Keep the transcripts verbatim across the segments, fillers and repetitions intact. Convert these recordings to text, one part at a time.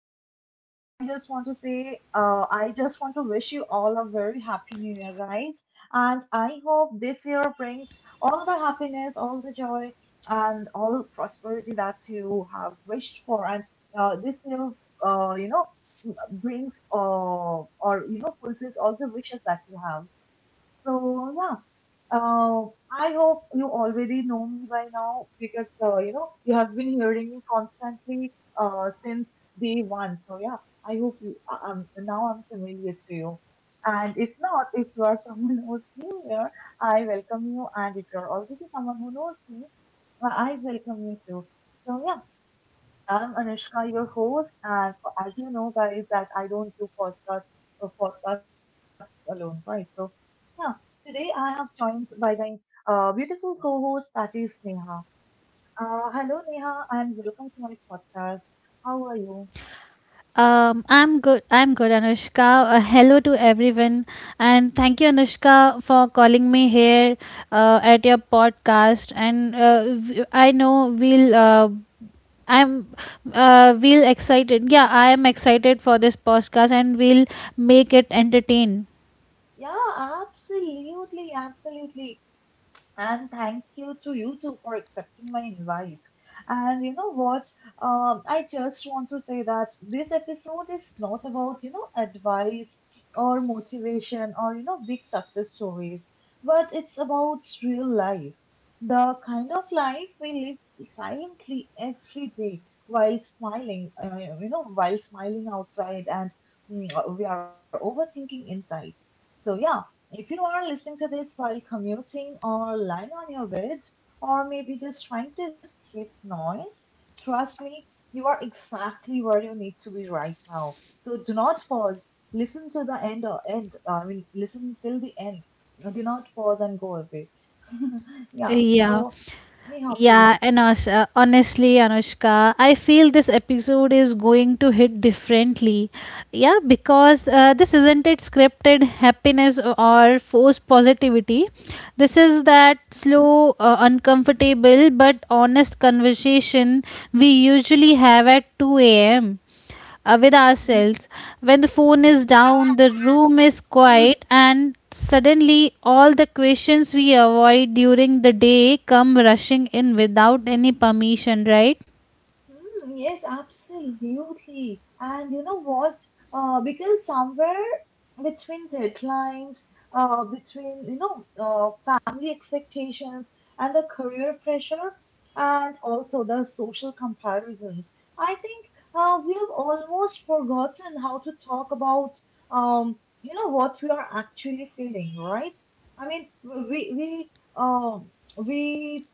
we begin, I just want to say, uh, I just want to wish you all a very happy new year, guys. And I hope this year brings all the happiness, all the joy, and all the prosperity that you have wished for. And uh, this year, uh, you know, brings uh, or, you know, fulfills all the wishes that you have. So, yeah. Uh, I hope you already know me by now because uh, you know you have been hearing me constantly uh, since day one. So yeah, I hope you. I- I'm now I'm familiar to you. And if not, if you are someone who's new here, I welcome you. And if you are already someone who knows me, I I welcome you too. So yeah, I'm Anushka, your host, and as you know, guys, that I don't do podcasts or podcasts alone, right? So, yeah, today I have joined by my uh, beautiful co-host, that is Neha. Uh, hello, Neha, and welcome to my podcast. How are you? Um, I'm good. I'm good, Anushka. Uh, hello to everyone, and thank you, Anushka, for calling me here uh, at your podcast. And uh, w- I know we'll. Uh, I'm uh, we'll excited. Yeah, I am excited for this podcast, and we'll make it entertain. Yeah, absolutely, absolutely. And thank you to you too for accepting my invite. And you know what? Um, I just want to say that this episode is not about, you know, advice or motivation or, you know, big success stories, but it's about real life. The kind of life we live silently every day while smiling, uh, you know, while smiling outside and mm, we are overthinking inside. So, yeah, if you are listening to this while commuting or lying on your bed, or maybe just trying to escape noise, trust me, you are exactly where you need to be right now. So do not pause. Listen to the end or end. I mean, listen till the end. Do not pause and go away. yeah. Yeah. So, Neha, please. Yeah, and also, uh, honestly, Anushka, I feel this episode is going to hit differently. Yeah, because uh, this isn't it scripted happiness or forced positivity. This is that slow, uh, uncomfortable, but honest conversation we usually have at two a.m uh, with ourselves. When the phone is down, the room is quiet, and suddenly all the questions we avoid during the day come rushing in without any permission, right? Mm, yes, absolutely. And you know what? Uh, because somewhere between deadlines, uh, between you know, uh, family expectations and the career pressure, and also the social comparisons, I think uh, we have almost forgotten how to talk about um, you know, what we are actually feeling, right? I mean, we we uh, we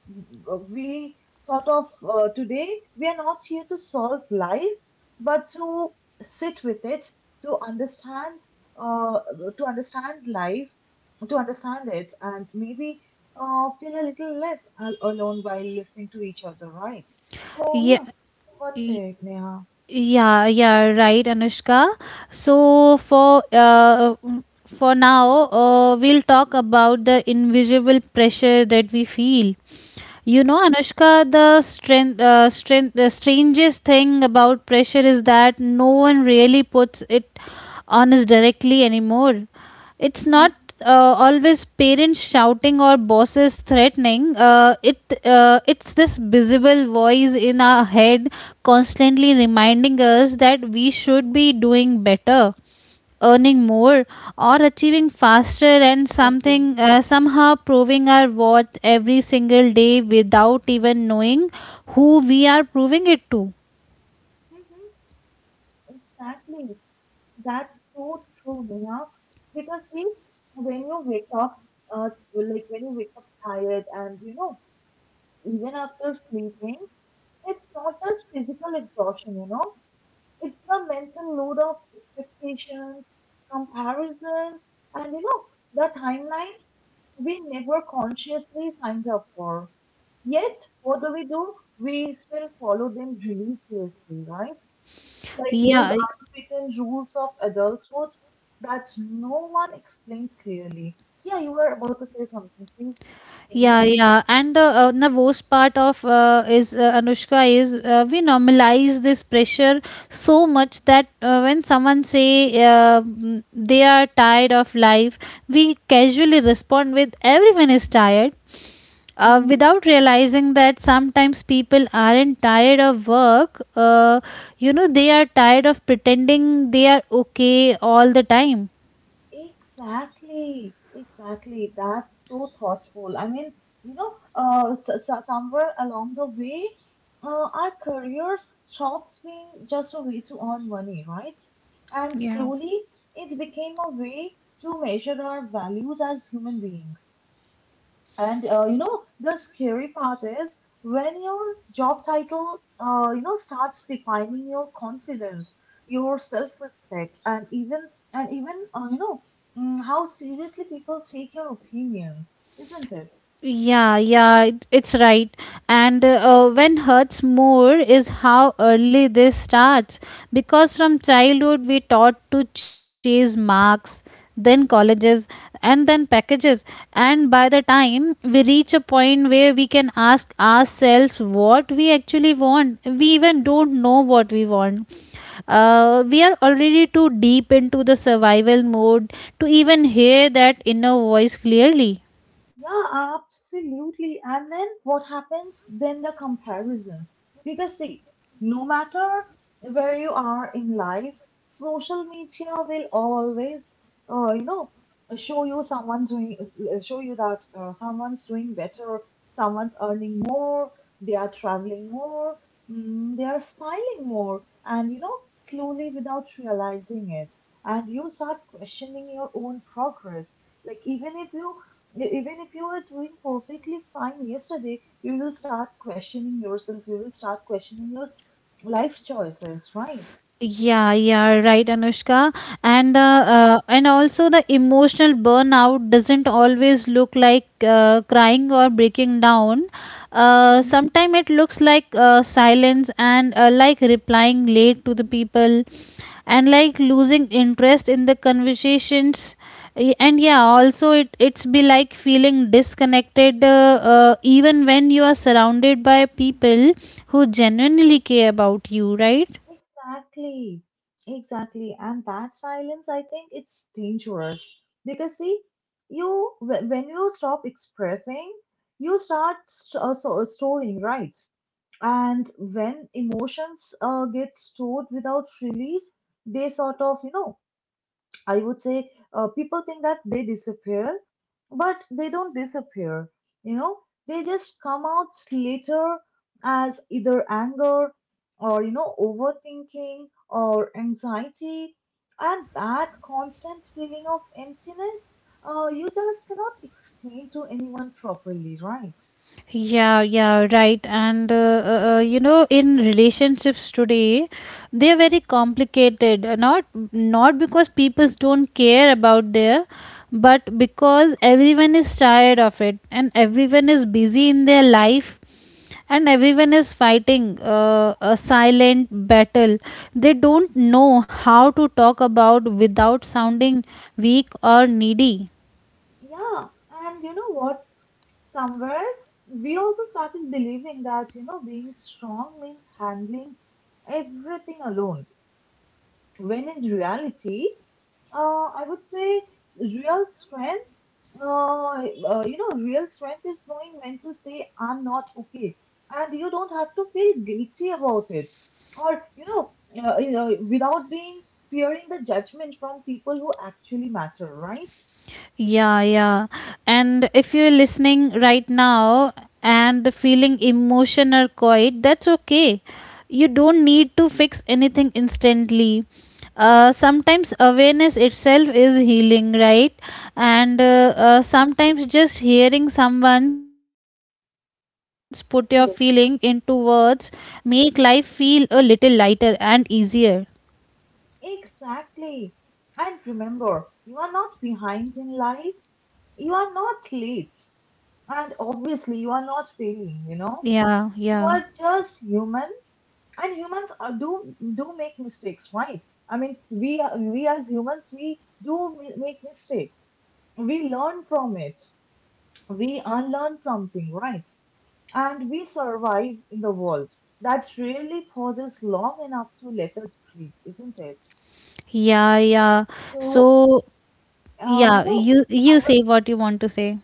we sort of uh, today we are not here to solve life but to sit with it to understand uh, to understand life to understand it and maybe uh, feel a little less al- alone while listening to each other, right? So Yeah. yeah, what's it, Neha? Yeah, yeah, right, Anushka. So for uh, for now, uh, we'll talk about the invisible pressure that we feel. You know, Anushka, the strength, uh, strength, the strangest thing about pressure is that no one really puts it on us directly anymore. It's Mhm. not uh, always parents shouting or bosses threatening, uh, it uh, it's this visible voice in our head constantly reminding us that we should be doing better, earning more, or achieving faster, and Exactly. something uh, somehow proving our worth every single day without even knowing who we are proving it to. Mhm, exactly. That's so true, Neha. Because see, when you wake up, uh, like when you wake up tired, and you know, even after sleeping, it's not just physical exhaustion, you know, it's the mental load of expectations, comparisons, and you know, the timelines we never consciously signed up for. Yet, what do we do? We still follow them religiously, right? Like those Yeah. unwritten rules of adulthood that no one explains clearly. Yeah, you were about to say something. Please tell Yeah, me. yeah, and uh, uh, the worst part of uh, is uh, Anushka, is uh, we normalize this pressure so much that uh, when someone say, uh, mm, they are tired of life, we casually respond with everyone is tired, uh, Mm-hmm. without realizing that sometimes people aren't tired of work. Uh, you know, they are tired of pretending they are okay all the time. Exactly, exactly. That's so thoughtful. I mean, you know, uh, s s- somewhere along the way, uh, our careers stopped being just a way to earn money, right? And Yeah. slowly, it became a way to measure our values as human beings. And uh, you know, the scary part is when your job title, uh, you know, starts defining your confidence, your self-respect, and even and even uh, you know mm, how seriously people take your opinions, isn't it? Yeah, yeah, it- it's right. And uh, when hurts more is how early this starts. Because from childhood, we taught to chase marks, then colleges, and then packages. And by the time we reach a point where we can ask ourselves what we actually want, we even don't know what we want. Uh, we are already too deep into the survival mode to even hear that inner voice clearly. Yeah, absolutely. And then what happens? Then the comparisons. Because, see, no matter where you are in life, social media will always, uh, you know, show you someone's doing, uh, show you that uh, someone's doing better, someone's earning more, they are traveling more, mm, they are smiling more, and, you know, slowly without realizing it. And you start questioning your own progress. Like, even if you you, even if you were doing perfectly fine yesterday, you will start questioning yourself. You will start questioning your life choices, right? Yeah, yeah, right, Anushka. And uh, uh, and also the emotional burnout doesn't always look like uh, crying or breaking down. Uh, Mhm. Sometimes it looks like uh, silence, and uh, like replying late to the people, and like losing interest in the conversations. Y- And yeah, also it it's be like feeling disconnected, uh, uh, even when you are surrounded by people who genuinely care about you, right? Exactly. Exactly. And that silence, I think it's dangerous because see, you wh- when you stop expressing, you start st- uh, so, uh, storing, right? And when emotions uh, get stored without release, they sort of, you know, I would say uh, people think that they disappear, but they don't disappear. You know, they just come out later as either anger or, you know, overthinking or anxiety. And that constant feeling of emptiness, uh, you just cannot explain to anyone properly, right? Yeah, yeah, right. And uh, uh, uh, you know, in relationships today, they are very complicated. uh, Not not because people don't care about their, but because everyone is tired of it, and everyone is busy in their life, and everyone is fighting uh, a silent battle. They don't know how to talk about without Mhm. sounding weak or needy. Yeah, and you know what? Somewhere we also started believing that you know being strong means handling everything alone when in reality uh, I would say s- real strength, uh, uh, you know, real strength is knowing when to say I'm not okay and you don't have to feel guilty about it or you know uh, you know, without being fearing the judgment from people who actually matter, right? Yeah, yeah. And if you're listening right now and feeling emotion or quiet, that's okay. You don't need to fix anything instantly. Uh, sometimes awareness itself is healing, right? And uh, uh, sometimes just hearing someone's put your feeling into words make life feel a little lighter and easier. Exactly. And remember, you are not behind in life. You are not late. And obviously, you are not failing, you know? Yeah, You yeah. are just human. And humans are, do do make mistakes, right? I mean, we are, we as humans, we do mi- make mistakes. We learn from it. We unlearn something, right? And we survive in the world that really pauses long enough to let us breathe, isn't it? Yeah, yeah. So So uh, you yeah, know, you you I say what you want to say.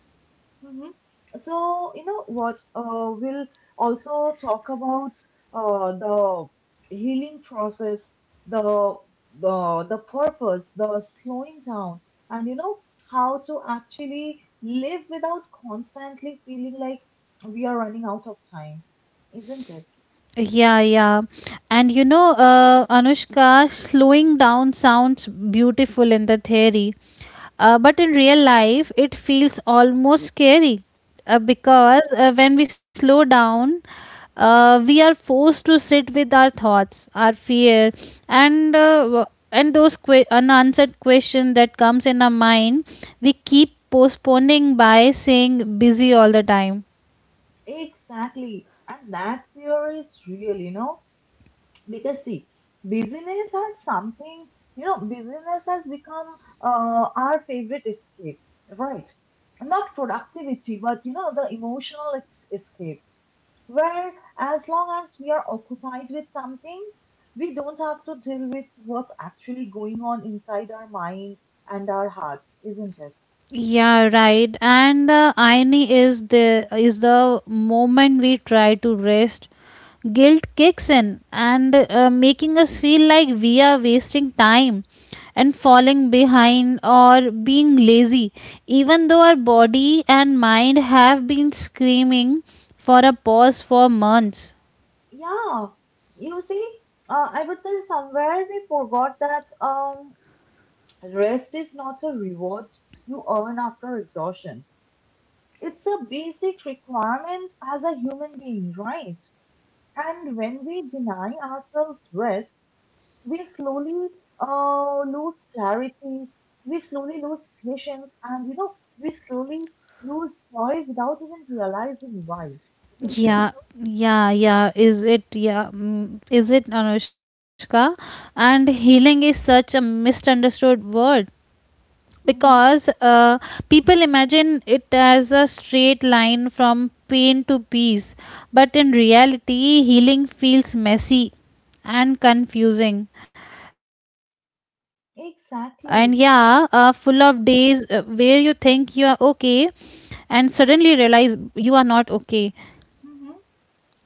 was. Mhm. So, you know what? Uh, we'll also talk about uh, the healing process, the the the purpose, the slowing down, and you know how to actually live without constantly feeling like we are running out of time, isn't it? Yeah, yeah. And you know, uh, Anushka, slowing down sounds beautiful in the theory, uh, but in real life, it feels almost scary uh, Mhm. because uh, when we slow down, uh, we are forced to sit with our thoughts, our fear, and uh, w- and those que- unanswered questions that comes in our mind. We keep postponing by saying busy all the time. Exactly. And that fear is real, you know. Because see, busyness has something you know busyness has become uh, our favorite escape, right? Not productivity, but you know the emotional ex- escape, where as long as we are occupied with something, we don't have to deal with what's actually going on inside our mind and our hearts, isn't it? Yeah, right. And the irony is the is the moment we try to rest, guilt kicks in and uh, making us feel like we are wasting time and falling behind or being lazy, even though our body and mind have been screaming for a pause for months. Yeah, you see, uh, I would say somewhere we forgot that um rest is not a reward you earn after exhaustion. It's a basic requirement as a human being, right? And when we deny ourselves rest, we slowly uh, lose clarity, we slowly lose patience, and you know, we slowly lose joy without even realizing why, isn't it? Yeah, yeah, yeah. Is it, yeah, mm, is it Anushka? And healing is such a misunderstood word, Hmm. because uh, people imagine it as a straight line from pain to peace, but in reality healing feels messy and confusing, and yeah, uh, full of days uh, Exactly. where you think you are okay and suddenly realize you are not okay. Hmm.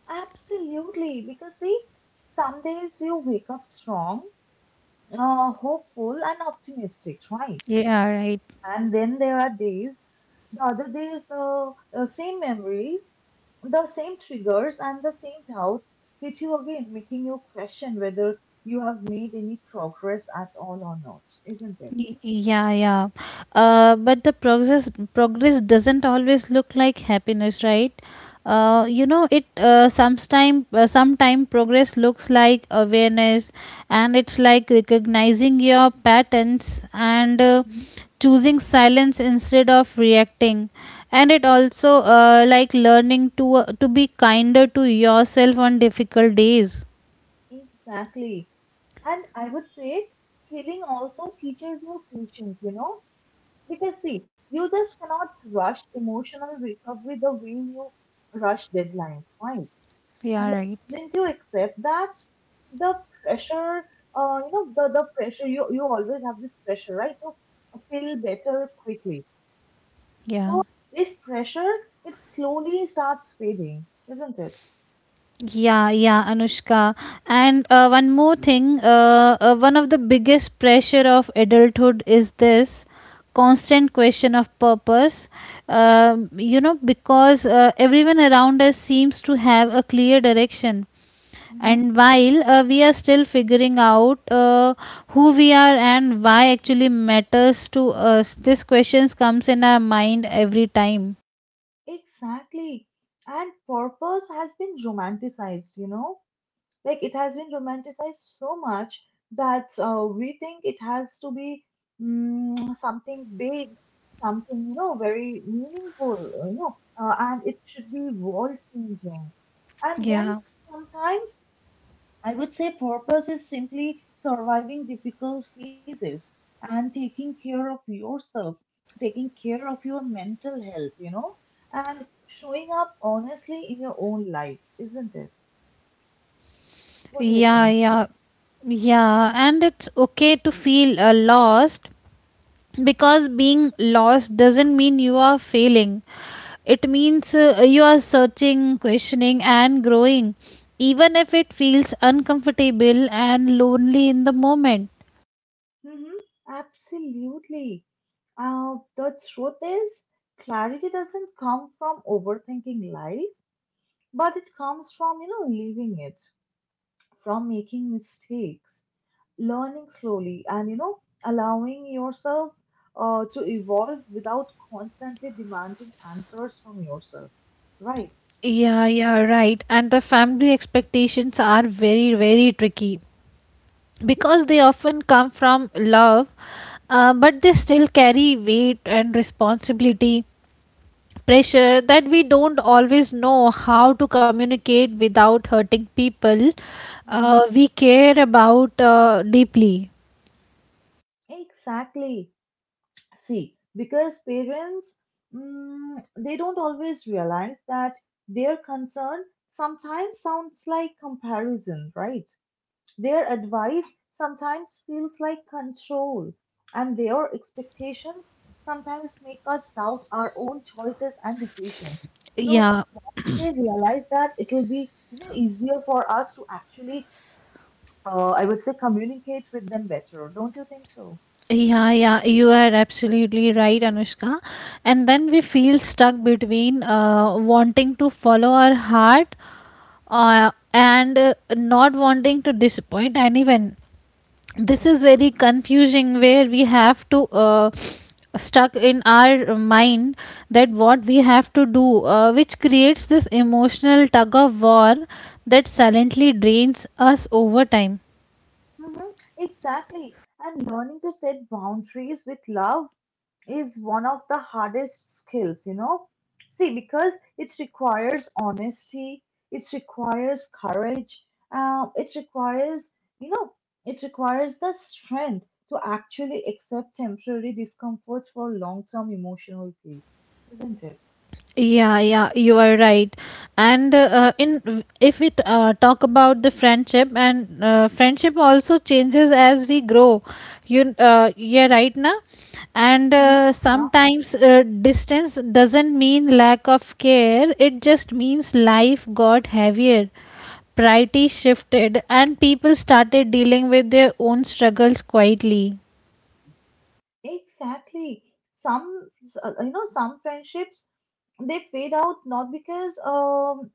Absolutely. Because see, some days you wake up strong, uh, hopeful and optimistic, right? Yeah, right. And then there are days, the other days, the uh, same memories, the same triggers, and the same doubts hit you again, making you question whether you have made any progress at all or not, isn't it? Y- Yeah, yeah. Uh, but the progress progress doesn't always look like happiness, right? Uh, you know, it uh, sometime uh, sometime progress looks like awareness, and it's like recognizing your patterns and uh, Mhm. choosing silence instead of reacting, and it also uh, like learning to uh, to be kinder to yourself on difficult days. Exactly. And I would say healing also teaches you patience, you know, because see, you just cannot rush emotional recovery the way you rush deadlines, right? Yeah, And right. the moment you accept that the pressure uh, you know the, the pressure you you always have this pressure, right, to feel better quickly, Yeah. so this pressure it slowly starts fading, isn't it? Yeah, yeah, Anushka. And uh, one more thing, uh, uh, one of the biggest pressure of adulthood is this constant question of purpose. Um you know, because uh, everyone around us seems to have a clear direction. Mm-hmm. And while uh, we are still figuring out uh, who we are and why actually matters to us, this questions comes in our mind every time. Exactly. And purpose has been romanticized, you know. Like it has been romanticized so much that uh, we think it has to be mm, something big, something, you know, very meaningful, you know, uh, and it should be world changing. And when Yeah, sometimes I would say purpose is simply surviving difficult phases and taking care of yourself, taking care of your mental health, you know, and showing up honestly in your own life, isn't it? What do you yeah, think? yeah. Yeah, and it's okay to feel uh, lost, because being lost doesn't mean you are failing. It means uh, you are searching, questioning, and growing, even if it feels uncomfortable and lonely in the moment. Mhm. Absolutely. Uh, the truth is, clarity doesn't come from overthinking life, but it comes from, you know, living it, from making mistakes, learning slowly, and, you know, allowing yourself uh, to evolve without constantly demanding answers from yourself. Right. Yeah, yeah, right. And the family expectations are very, very tricky, because they often come from love, uh, but they still carry weight and responsibility pressure that we don't always know how to communicate without hurting people Mhm. uh, we care about uh, deeply. Exactly. See, because parents, mm, they don't always realize that their concern sometimes sounds like comparison, right? Their advice sometimes feels like control, and their expectations sometimes make us doubt our own choices and decisions. So Yeah, they realize that it'll be you know, easier for us to actually, uh, I would say, communicate with them better. Don't you think so? yeah, yeah, you are absolutely right, Anushka. And then we feel stuck between uh, wanting to follow our heart uh, and uh, not wanting to disappoint anyone. This is very confusing, where we have to, uh, stuck in our mind that what we have to do, uh, which creates this emotional tug of war that silently drains us over time. Mhm. Exactly. And learning to set boundaries with love is one of the hardest skills, you know. See, because it requires honesty, it requires courage, um, it requires, you know, it requires the strength to actually accept temporary discomfort for long term emotional peace, isn't it? Yeah, yeah, you are right. And uh, in if we uh, talk about the friendship, and uh, friendship also changes as we grow. You, uh, yeah, right now, and Mhm. uh, Yeah, sometimes uh, distance doesn't mean lack of care. It just means life got heavier, priorities shifted, and people started dealing with their own struggles quietly. exactly. Some, s- uh, you know, some friendships they fade out not because um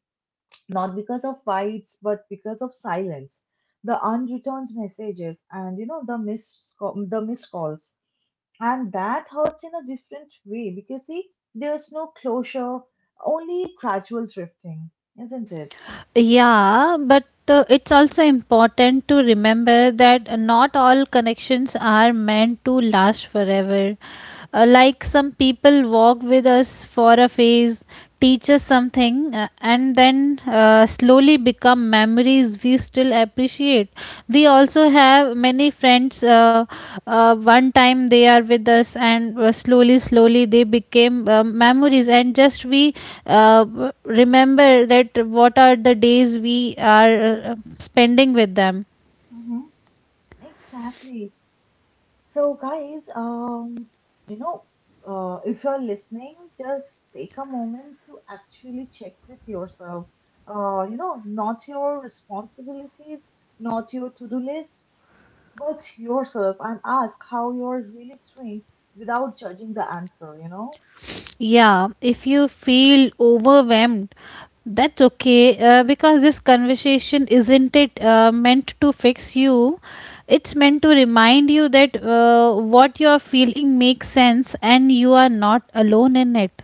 not because of fights but because of silence, the unreturned messages and you know the missed ca- the missed calls, and that hurts in a different way because see there's no closure, only gradual drifting, isn't it? Yeah, but uh, it's also important to remember that not all connections are meant to last forever. Uh, like some people walk with us for a phase, teach us something, uh, and then uh, slowly become memories hobbies we still appreciate. We also have many friends, uh, uh, one time they are with us, and uh, slowly slowly they became uh, memories, and just we uh, remember that what are the days we are uh, spending with them. Hmm. Exactly. So, guys, um, you know, uh, if you're listening, just take a moment to actually check with yourself. Uh, you know, not your responsibilities, not your to do lists, but yourself and ask how you're really doing without judging the answer, you know? Yeah, if you feel overwhelmed, that's okay, uh, because this conversation isn't it uh, meant to fix you. It's meant to remind you that uh, what you're feeling makes sense and you are not alone in it.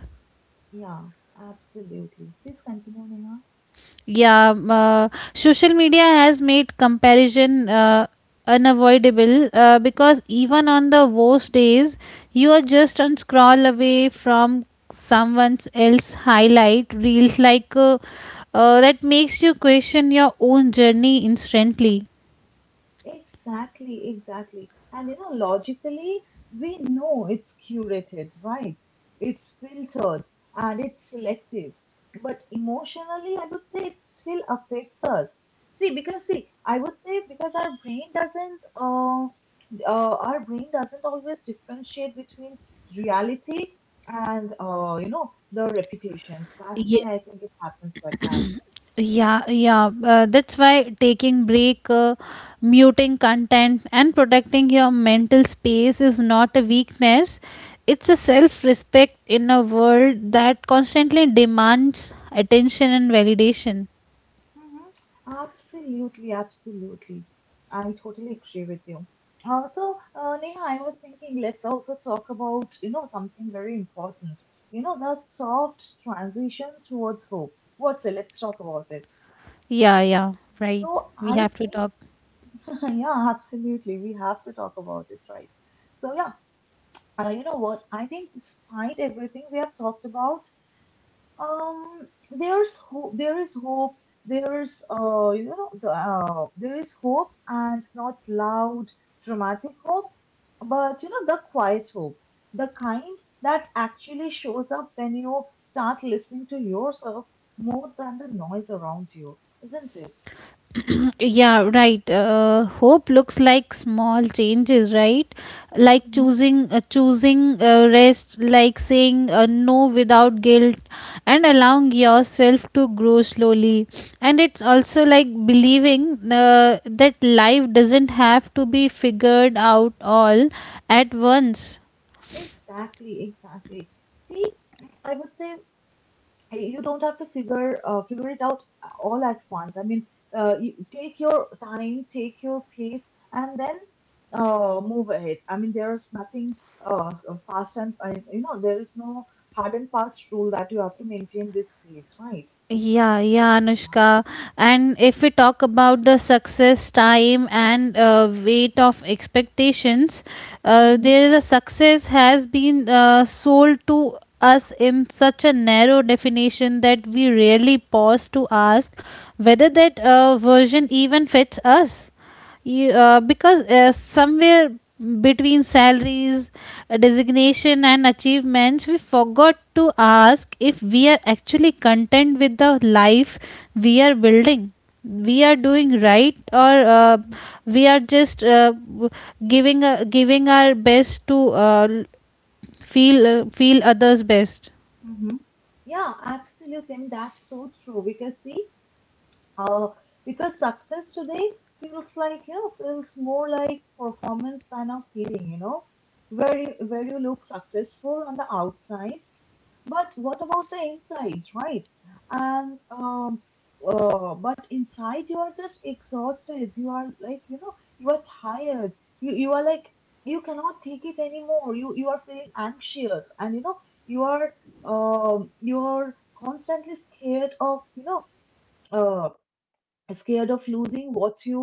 Yeah, absolutely. Please continue, Neha. Yeah, um, uh, social media has made comparison uh, unavoidable, uh, because even on the worst days, you are just on scroll away from someone else highlight reels, like uh, uh, that makes you question your own journey instantly. Exactly, exactly. And you know, logically, we know it's curated, right? It's filtered and it's selective. But emotionally, I would say it still affects us. See, because see, I would say because our brain doesn't, uh, uh, our brain doesn't always differentiate between reality and, uh, you know, the reputations. That's why I think it happens like that. Yeah, yeah. Uh, that's why taking break, uh, muting content, and protecting your mental space is not a weakness. It's a self-respect in a world that constantly demands attention and validation. Mhm. Absolutely, absolutely. I totally agree with you. Also, uh, Neha, I was thinking let's also talk about, you know, something very important. You know, that soft transition towards hope. What's it? Let's talk about it. Yeah, yeah. Right. So We have I to talk. think, yeah, absolutely. We have to talk about it, right? So yeah, uh, you know what? I think despite everything we have talked about, Um, there's hope. There is hope. There's uh, you know, the, uh, there is hope, and not loud, dramatic hope, but you know, the quiet hope, the kind that actually shows up when you start listening to yourself more than the noise around you, isn't it? Yeah, right. Uh, hope looks like small changes, right? Like Mhm. choosing uh, choosing uh, rest, like saying uh, no without guilt, and allowing yourself to grow slowly. And it's also like believing uh, that life doesn't have to be figured out all at once. Exactly, exactly. See, I would say hey, you don't have to figure uh, figure it out uh, all at once. I mean, uh, you take your time, take your pace, and then uh, move ahead. I mean, there is nothing uh, s- uh, fast and uh, you know there is no hard and fast rule that you have to maintain this pace, right? Yeah, yeah, Yeah. Anushka. And if we talk about the success time and uh, weight of expectations, uh, Mm-hmm. there is a success has been uh, sold to us in such a narrow definition that we rarely pause to ask whether that uh, version even fits us, you, uh, because uh, somewhere between salaries, uh, designation and achievements, we forgot to ask if we are actually content with the life we are building. We are doing right, or uh, Hmm, we are just, uh, w- giving uh, giving our best to, uh, l- feel uh, feel others best. hmm. Yeah, absolutely. I mean, that's so true because see, Uh, because success today feels like, you know, feels more like performance than a feeling, you know, where you, where you look successful on the outsides, but what about the insides, right? And um, uh, But inside you are just exhausted. You are like, you know, you are tired. You you are like you cannot take it anymore. You you are feeling anxious, and you know you are um you are constantly scared of, you know. uh Scared of losing what you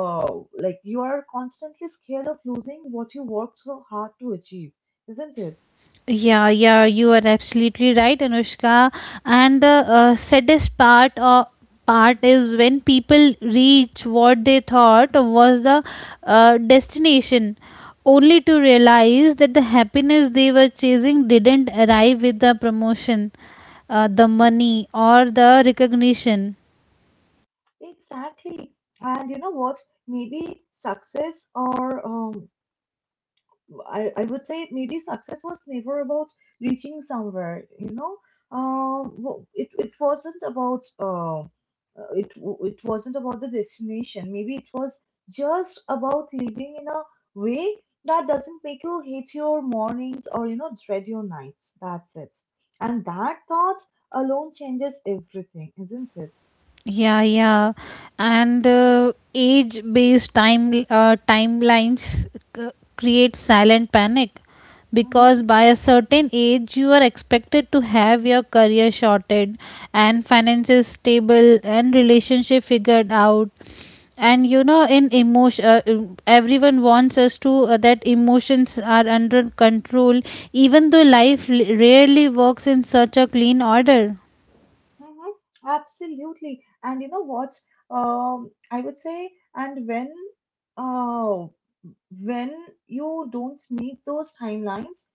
uh, like you are constantly scared of losing what you worked so hard to achieve, isn't it? Yeah, yeah, you are absolutely right, Anushka. And the uh, saddest part uh, part is when people reach what they thought was the uh, destination, only to realize that the happiness they were chasing didn't arrive with the promotion, uh, the money, or the recognition. Exactly, and you know what, maybe success or um, I, I would say maybe success was never about reaching somewhere, you know. Uh, w- it, it wasn't about uh, uh, it w- It wasn't about the destination. Maybe it was just about living in a way that doesn't make you hate your mornings or you know dread your nights. That's it. And that thought alone changes everything, isn't it? Yeah, yeah. And uh, age based time uh, timelines c- create silent panic, because Mm-hmm. by a certain age you are expected to have your career sorted and finances stable and relationship figured out, and you know in emotion uh, um, everyone wants us to uh, that emotions are under control, even though life l- rarely works in such a clean order. Mhm. Absolutely. And you know what? Um, I would say, and when uh, when you don't meet those timelines,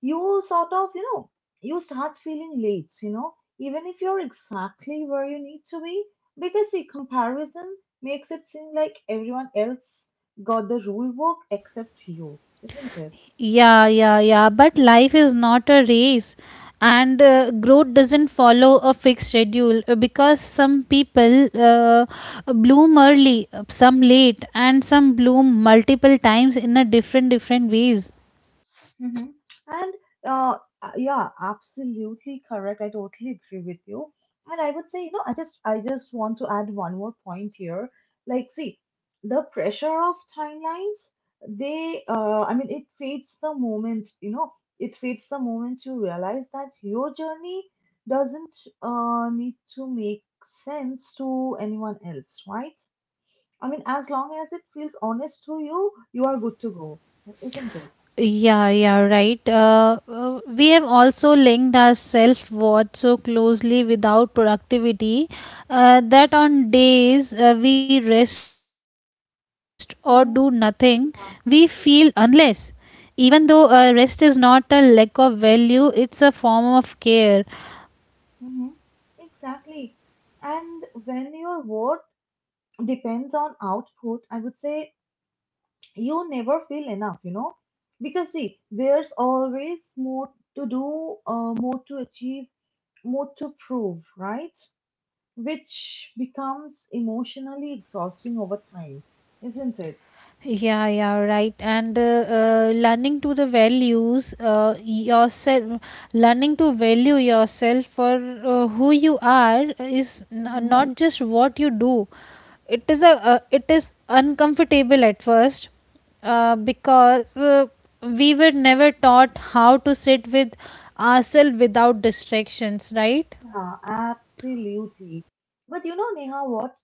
you sort of, you know, you start feeling late, you know, even if you're exactly where you need to be, because the comparison makes it seem like everyone else got the rule book except you, isn't it? Yeah, yeah, yeah. But life is not a race, and uh, growth doesn't follow a fixed schedule, uh, because some people uh, bloom early, uh, some late, and some bloom multiple times in a different different ways. Mm-hmm. And uh, uh, Yeah, absolutely correct. I totally agree with you. And I would say, you know, I just I just want to add one more point here. Like, see, the pressure of timelines, they uh, I mean, it fades the moment, you know, it fades the moment you realize that your journey doesn't uh, need to make sense to anyone else, right? I mean, as long as it feels honest to you, you are good to go, isn't it? Yeah, yeah, right. Uh, uh, we have also linked our self worth so closely without productivity, uh, that on days, uh, we rest or do nothing, we Mm-hmm. feel unless. Even though uh, rest is not a lack of value, it's a form of care. Hmm. Exactly. And when your worth depends on output, I would say you never feel enough, you know? Because, see, there's always more to do, uh, more to achieve, more to prove, right? Which becomes emotionally exhausting over time, isn't it? Yeah, yeah, right. And uh, uh, learning to the values, uh, yourself, learning to value yourself for, uh, who you are is n- Hmm. not just what you do. It is a uh, it is uncomfortable at first, uh, because, uh, we were never taught how to sit with ourselves without distractions, right? Yeah, absolutely. But you know, Neha, what?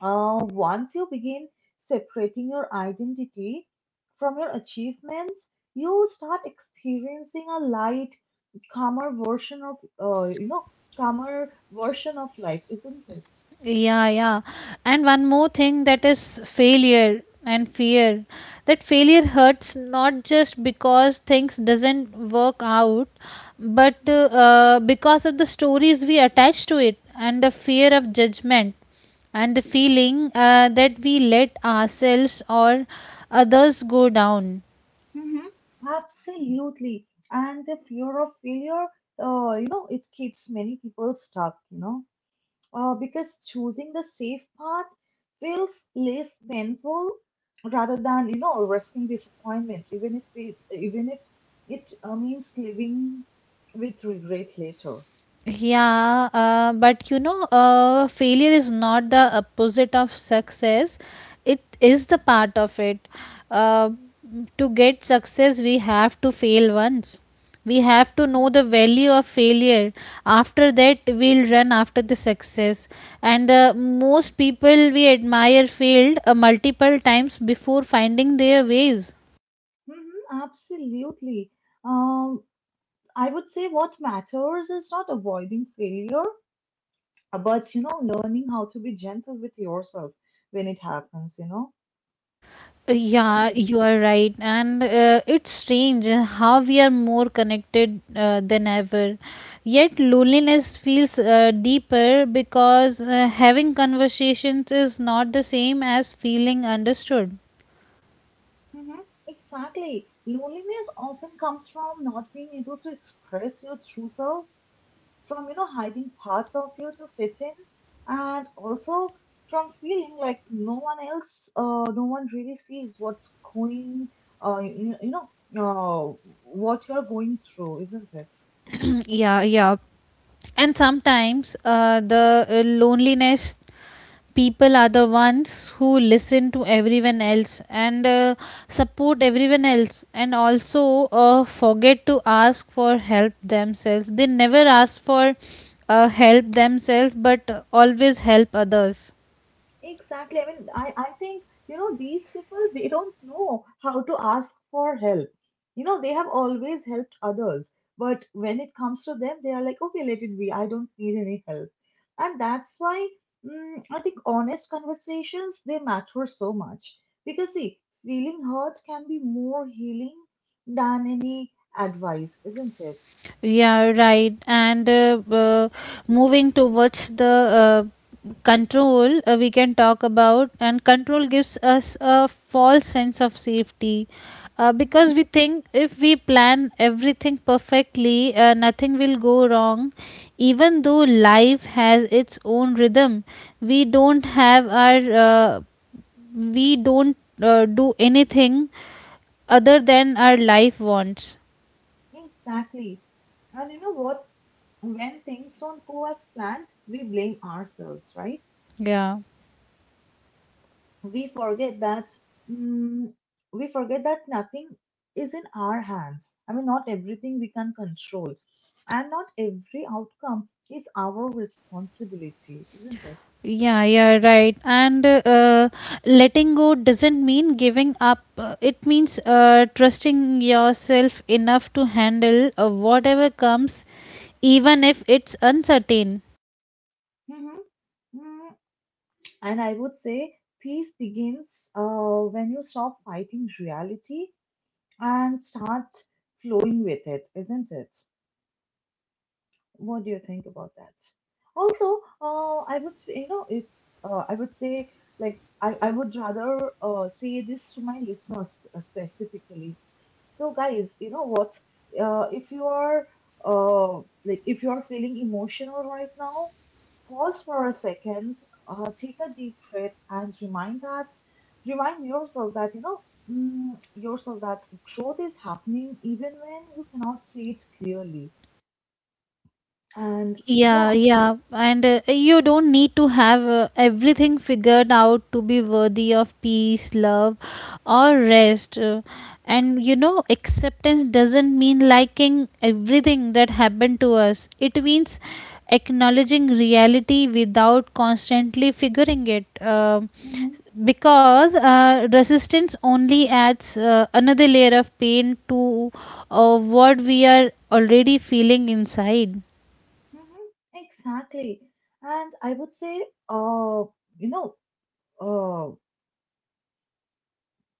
Uh, once you begin separating your identity from your achievements, you start experiencing a light, calmer version of, uh, you know, calmer version of life, isn't it? Yeah, yeah. And one more thing that is failure and fear. That failure hurts not just because things doesn't work out, but uh, Mm-hmm. uh, because of the stories we attach to it and the fear of judgment and the feeling, uh, that we let ourselves or others go down. Mm-hmm. Absolutely. And the fear of failure, uh, you know, it keeps many people stuck, you know. Uh, because choosing the safe path feels less painful rather than you know risking disappointments even if it even if it uh, means living with regret later. Yeah, uh, but you know, uh, failure is not the opposite of success. It is the part of it. Uh, to get success, we have to fail once. We have to know the value of failure. After that, we'll run after the success. And uh, most people we admire failed, uh, multiple times before finding their ways. Hmm, absolutely. um, I would say what matters is not avoiding failure, uh, but you know learning how to be gentle with yourself when it happens, you know. Yeah, you are right. And uh, it's strange how we are more connected, uh, than ever. Yet loneliness feels, uh, deeper because, uh, having conversations is not the same as feeling understood. Mhm. Exactly. Loneliness often comes from not being able to express your true self, from you know hiding parts of you to fit in, and also from feeling like no one else, uh, no one really sees what's going, uh, you, you know, uh, what you are going through, isn't it? Yeah, yeah. And sometimes uh, the uh, loneliness people are the ones who listen to everyone else and, uh, support everyone else and also, uh, forget to ask for help themselves. They never ask for, uh, help themselves, but always help others. Exactly. I mean, I, I think, you know, these people, they don't know how to ask for help. You know, they have always helped others. But when it comes to them, they are like, okay, let it be. I don't need any help. And that's why mm, I think honest conversations, they matter so much. Because, see, feeling hurt can be more healing than any advice, isn't it? Yeah, right. And uh, uh, moving towards the, uh, control, uh, we can talk about, and control gives us a false sense of safety. Uh, Mhm. Because we think if we plan everything perfectly, uh, nothing will go wrong. Even though life has its own rhythm, we don't have our, uh, we don't uh, do anything other than our life wants. Exactly. And you know what? When things don't go as planned, we blame ourselves, right? Yeah. We forget that mm, we forget that nothing is in our hands. I mean, not everything we can control, and not every outcome is our responsibility, isn't it? Yeah, yeah, right. And uh, letting go doesn't mean giving up. Uh, It means, uh, trusting yourself enough to handle, uh, whatever comes, even if it's uncertain. Hmm. Mm. And I would say peace begins uh, when you stop fighting reality and start flowing with it, isn't it? What do you think about that? Also, uh, I would, say, you know, if uh, I would say, like, I, I would rather uh, say this to my listeners specifically. So, guys, you know what? Uh, if you are, uh, like, if you are feeling emotional right now, pause for a second, uh, take a deep breath, and remind that, remind yourself that, you know, mm, yourself that growth is happening even when you cannot see it clearly. And Yeah, yeah. yeah. And uh, you don't need to have, uh, everything figured out to be worthy of peace, love, or rest. Uh, and you know, acceptance doesn't mean liking everything that happened to us, it means acknowledging reality without constantly figuring it. Um Mm-hmm. Because uh, resistance only adds, uh, another layer of pain to, uh, what we are already feeling inside. Mm-hmm. Exactly. And I would say, uh, you know, uh,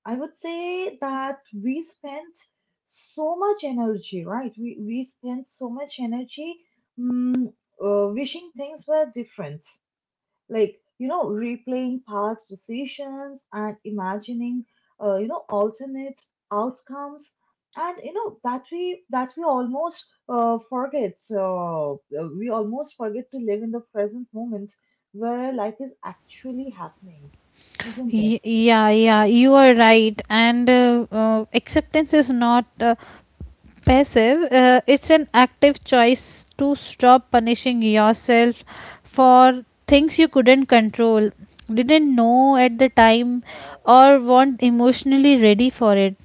I would say that we spent so much energy, right? We we spent so much energy, mm, uh, wishing things were different, like you know replaying past decisions and imagining, uh, you know, alternate outcomes, and you know that we that we almost uh, forget uh, uh, we almost forget to live in the present moment where life is actually happening, isn't it? Y- yeah, yeah, you are right, and uh, uh, acceptance is not, uh, passive, uh, it's an active choice to stop punishing yourself for things you couldn't control, didn't know at the time, or weren't emotionally ready for it.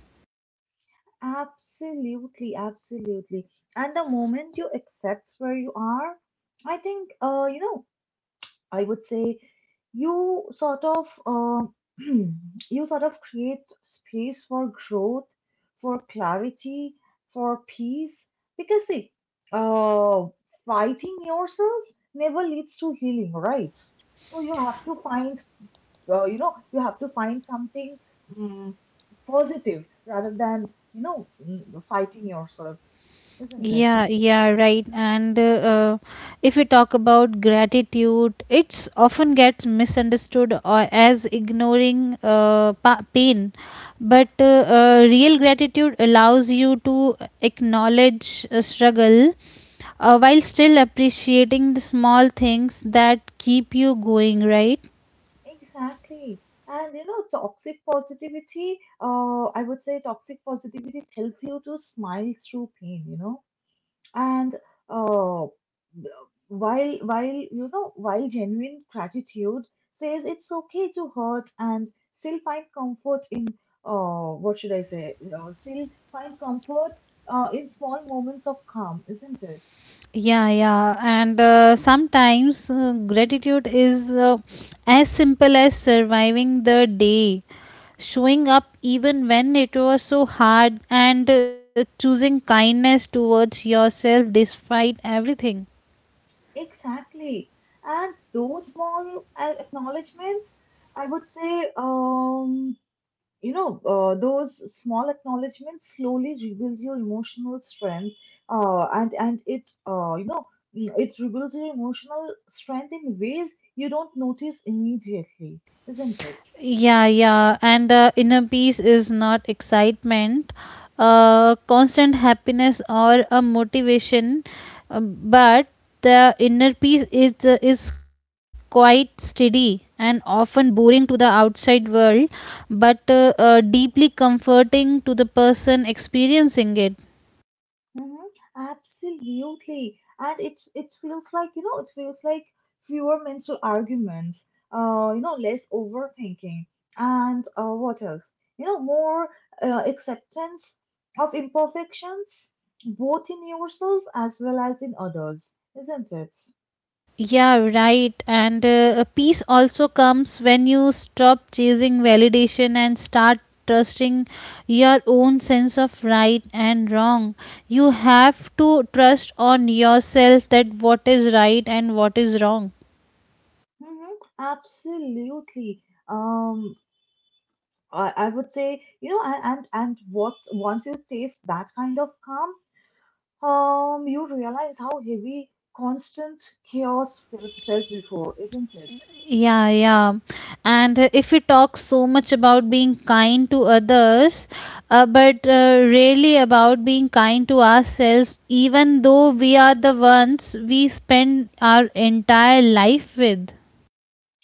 Absolutely, absolutely. And the moment you accept where you are, I think uh, you know, I would say you sort of uh, you sort of create space for growth, for clarity, for peace. Because see, uh, fighting yourself never leads to healing, right? So you have to find, uh, you know, you have to find something mm positive rather than you know mm, fighting yourself, isn't it? Yeah, yeah, right. And uh, uh, if we talk about gratitude, it's often gets misunderstood or as ignoring uh, pa- pain. But uh, uh, real gratitude allows you to acknowledge a struggle, uh, while still appreciating the small things that keep you going, right? Exactly. And you know, toxic positivity, uh, I would say toxic positivity tells you to smile through pain, you know. And uh, th- while while you know, while genuine gratitude says it's okay to hurt and still find comfort in, uh, what should I say? Uh, still find comfort uh, in small moments of calm, isn't it? Yeah, yeah, and uh, sometimes uh, gratitude is, uh, as simple as surviving the day, showing up even when it was so hard, and uh, choosing kindness towards yourself despite everything. Exactly. And those small uh, acknowledgements, I would say, um, you know, uh, those small acknowledgements slowly rebuilds your emotional strength, uh, and and it, uh, you know, mm, it rebuilds your emotional strength in ways you don't notice immediately, isn't it? Yeah, yeah. And uh, inner peace is not excitement, uh, constant happiness or a motivation, uh, but the inner peace is uh, is quite steady and often boring to the outside world, but uh, uh, deeply comforting to the person experiencing it. Mm-hmm. Absolutely. And it it feels like, you know, it feels like fewer mental arguments, uh, you know, less overthinking. And uh, what else? You know, more uh, acceptance of imperfections, both in yourself as well as in others, isn't it? Yeah, right. And uh, peace also comes when you stop chasing validation and start trusting your own sense of right and wrong. You have to trust on yourself that what is right and what is wrong. Mm-hmm. Absolutely. Um, I, I would say, you know, and, and and what once you taste that kind of calm, Um, you realize how heavy constant chaos felt, felt before, isn't it? Yeah, yeah. And uh, if we talk so much about being kind to others, uh, but uh, really about being kind to ourselves, even though Mm. we are the ones we spend our entire life with.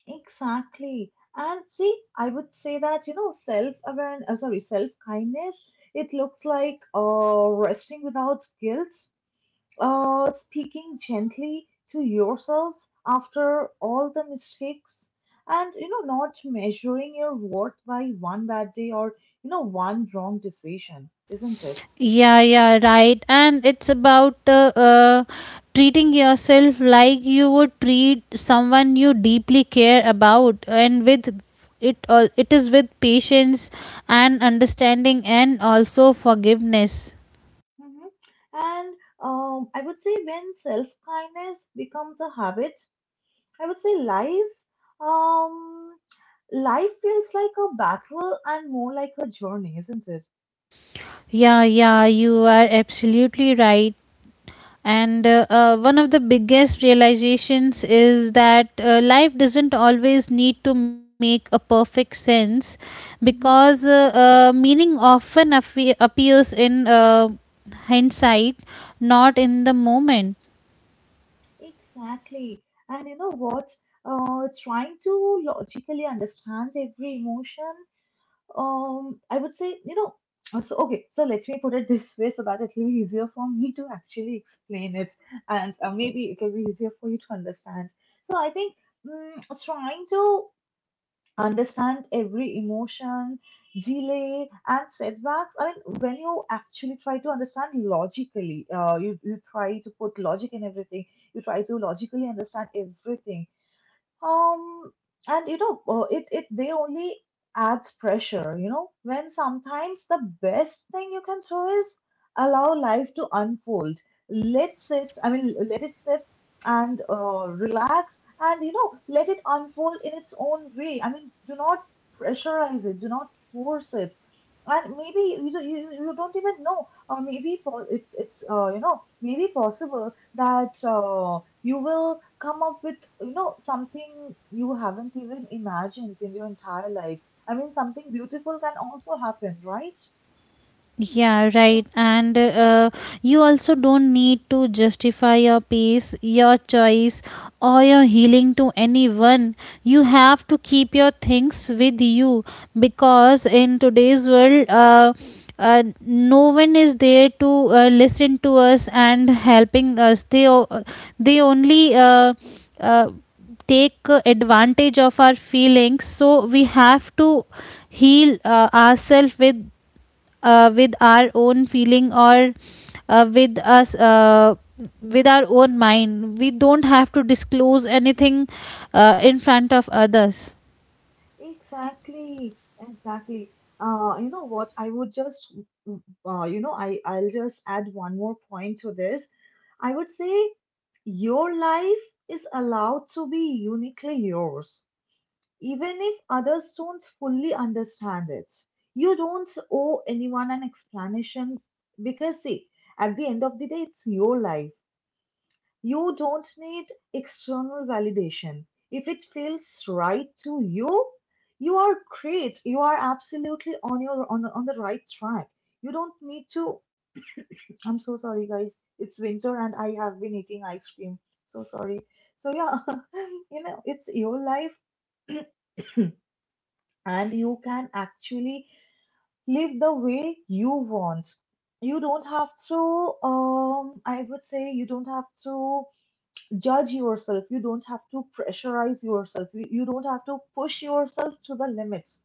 Exactly. And see, I would say that, you know, self-awareness, uh, sorry, self-kindness, it looks like uh, resting without guilt, uh, speaking gently to yourself after all the mistakes, and, you know, not measuring your worth by one bad day or, you know, one wrong decision, isn't it? Yeah, yeah, right. And it's about uh, uh, treating yourself like you would treat someone you deeply care about, and with it, all it is with patience and understanding and also forgiveness. Mhm. And um, I would say when self kindness becomes a habit, I would say life, um, life feels like a battle and more like a journey, isn't it? Yeah, yeah, you are absolutely right. And uh, uh, one of the biggest realizations is that uh, life doesn't always need to make a perfect sense Hmm. because uh, uh, meaning often affe- appears in, uh, hindsight, not in the moment. Exactly. And you know what? Uh, trying to logically understand every emotion, Um, I would say, you know, uh, so okay, so let me put it this way so that it will be easier for me to actually explain it, and uh, maybe it will be easier for you to understand. So I think mm, trying to understand every emotion, delay, and setbacks. I mean, when you actually try to understand logically, uh, you you try to put logic in everything. You try to logically understand everything. Um, and you know, uh, it it they only adds pressure, you know, when sometimes the best thing you can do is allow life to unfold. Let sit, I mean, let it sit and uh, relax and you know, let it unfold in its own way. I mean, do not pressurize it, do not force it. And maybe you, don't- you, you don't even know, or maybe po- it's it's uh, you know maybe possible that uh, you will come up with you know something you haven't even imagined in your entire life. I mean, something beautiful can also happen, right? Yeah, right. And uh, you also don't need to justify your peace, your choice, or your healing to anyone. You have to keep your things with you because in today's world, uh, uh, no one is there to uh, listen to us and helping us. They o- they only uh, uh, take uh, advantage of our feelings. So we have to heal uh, ourselves with, uh, with our own feeling, or uh, with us uh, with our own mind. We don't have to disclose anything, uh, in front of others. Exactly, exactly. Uh, you know what? I would just, uh, you know, I I'll just add one more point to this. I would say your life is allowed to be uniquely yours, even if others don't fully understand it. You don't owe anyone an explanation because, see, at the end of the day, it's your life. You don't need external validation. If it feels right to you, you are great. You are absolutely on your on the, on the right track. You don't need to. I'm so sorry, guys. It's winter and I have been eating ice cream. So sorry. So yeah, you know, it's your life and you can actually live the way you want. You don't have to, um, I would say, you don't have to judge yourself. You don't have to pressurize yourself. You, you don't have to push yourself to the limits.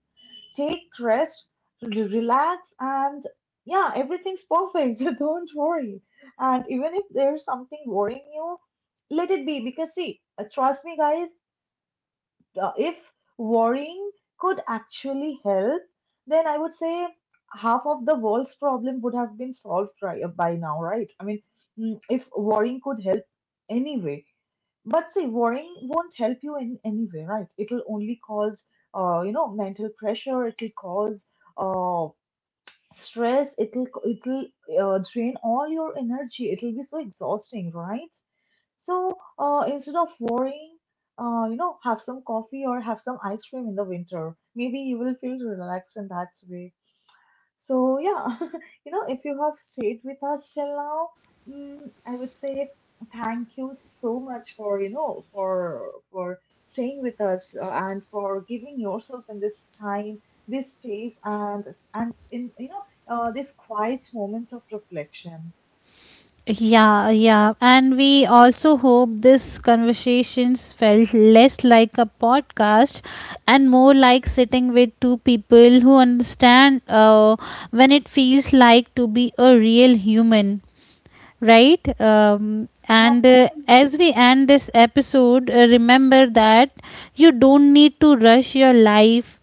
Take rest, re- relax, and yeah, everything's perfect. So don't worry. And even if there's something worrying you, let it be. Because, see, uh, trust me, guys, uh, if worrying could actually help, then I would say half of the world's problem would have been solved by by now, right? I mean, mm, if worrying could help anyway. But see, worrying won't help you in any way, right? It'll only cause, uh, you know, mental pressure. It'll cause uh, stress. It'll it'll uh, drain all your energy. It'll be so exhausting, right? So uh, instead of worrying, uh, you know, have some coffee or have some ice cream in the winter. Maybe you will feel relaxed in that way. So yeah, you know, if you have stayed with us till now, mm, I would say thank you so much for you know for for staying with us uh, and for giving yourself in this time, this space, and and in you know uh, these quiet moments of reflection. Yeah, yeah, and we also hope this conversations felt less like a podcast and more like sitting with two people who understand, uh, when it feels like to be a real human, right? Um, and uh, as we end this episode, uh, remember that you don't need to rush your life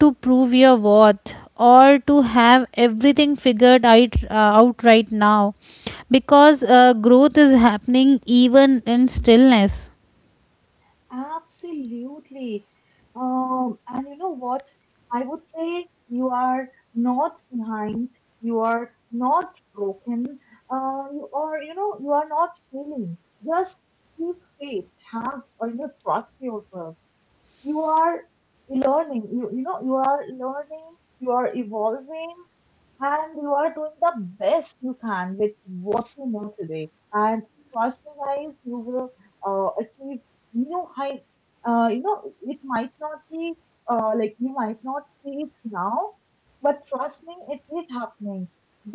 to prove your worth or to have everything figured out, uh, out right now, because uh, growth is happening even in stillness. Absolutely. Um, and you know what? I would say you are not behind, you are not broken, uh, you are, you know, you are not failing. Just keep faith, have, or you know, trust yourself. You are learning you, you know you are learning, you are evolving, and you are doing the best you can with what you know today. And trust me guys, you will uh, achieve new heights. uh, you know it might not be, uh, like, you might not see it now, but trust me it is happening.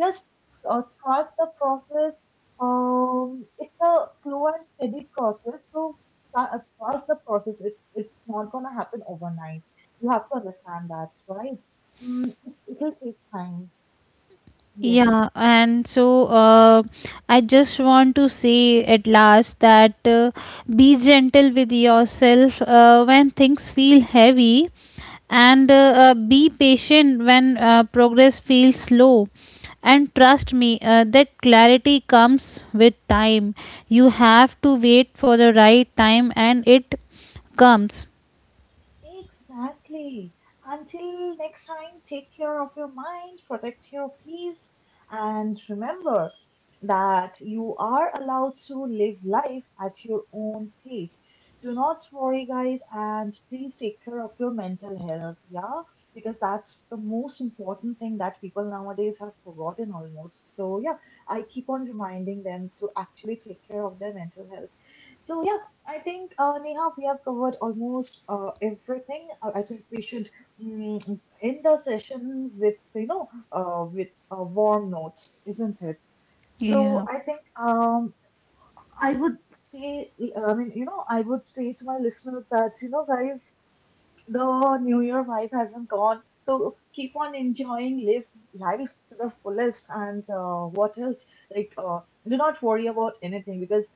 Just uh, trust the process. Um, it's a slow and steady process. So start, uh, trust the process. It, it's not gonna happen overnight. You have to understand that, right? Mm, it, it'll take time. Yes, Yeah, and so uh, I just want to say at last that, uh, be gentle with yourself, uh, when things feel heavy, and uh, uh, be patient when, uh, progress feels slow. And trust me, uh, that clarity comes with time. You have to wait for the right time, and it comes. exactly. Until next time, take care of your mind, protect your peace, and remember that you are allowed to live life at your own pace. Do not worry, guys, and please take care of your mental health, yeah? Because that's the most important thing that people nowadays have forgotten almost. So, yeah, I keep on reminding them to actually take care of their mental health. So, yeah, I think, uh, Neha, we have covered almost uh, everything. Uh, I think we should mm, end the session with, you know, uh, with uh, warm notes, isn't it? So Yeah. I think um, I would say, I mean, you know, I would say to my listeners that, you know, guys, the New Year vibe hasn't gone. So keep on enjoying, live life to the fullest, and uh, what else? Like, uh, do not worry about anything because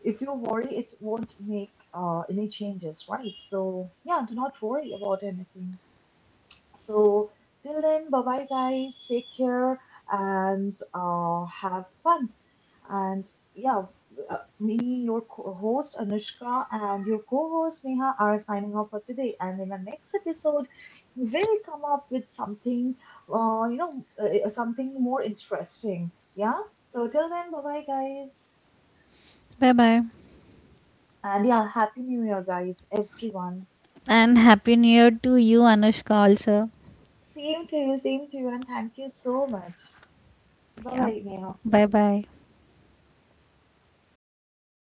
if you worry, it won't make uh, any changes, right? So, yeah, do not worry about anything. So, till then, bye bye, guys. Take care and uh, have fun. And yeah, uh, me, your co host Anushka, and your co host Neha are signing off for today. And in the next episode, we'll come up with something, uh, you know, uh, something more interesting. Yeah. So, till then, bye bye, guys. Bye bye. And yeah, Happy New Year, guys, everyone. And Happy New Year to you, Anushka, also. Same to you, same to you, and thank you so much. Bye Yeah. bye, Neha. Bye bye.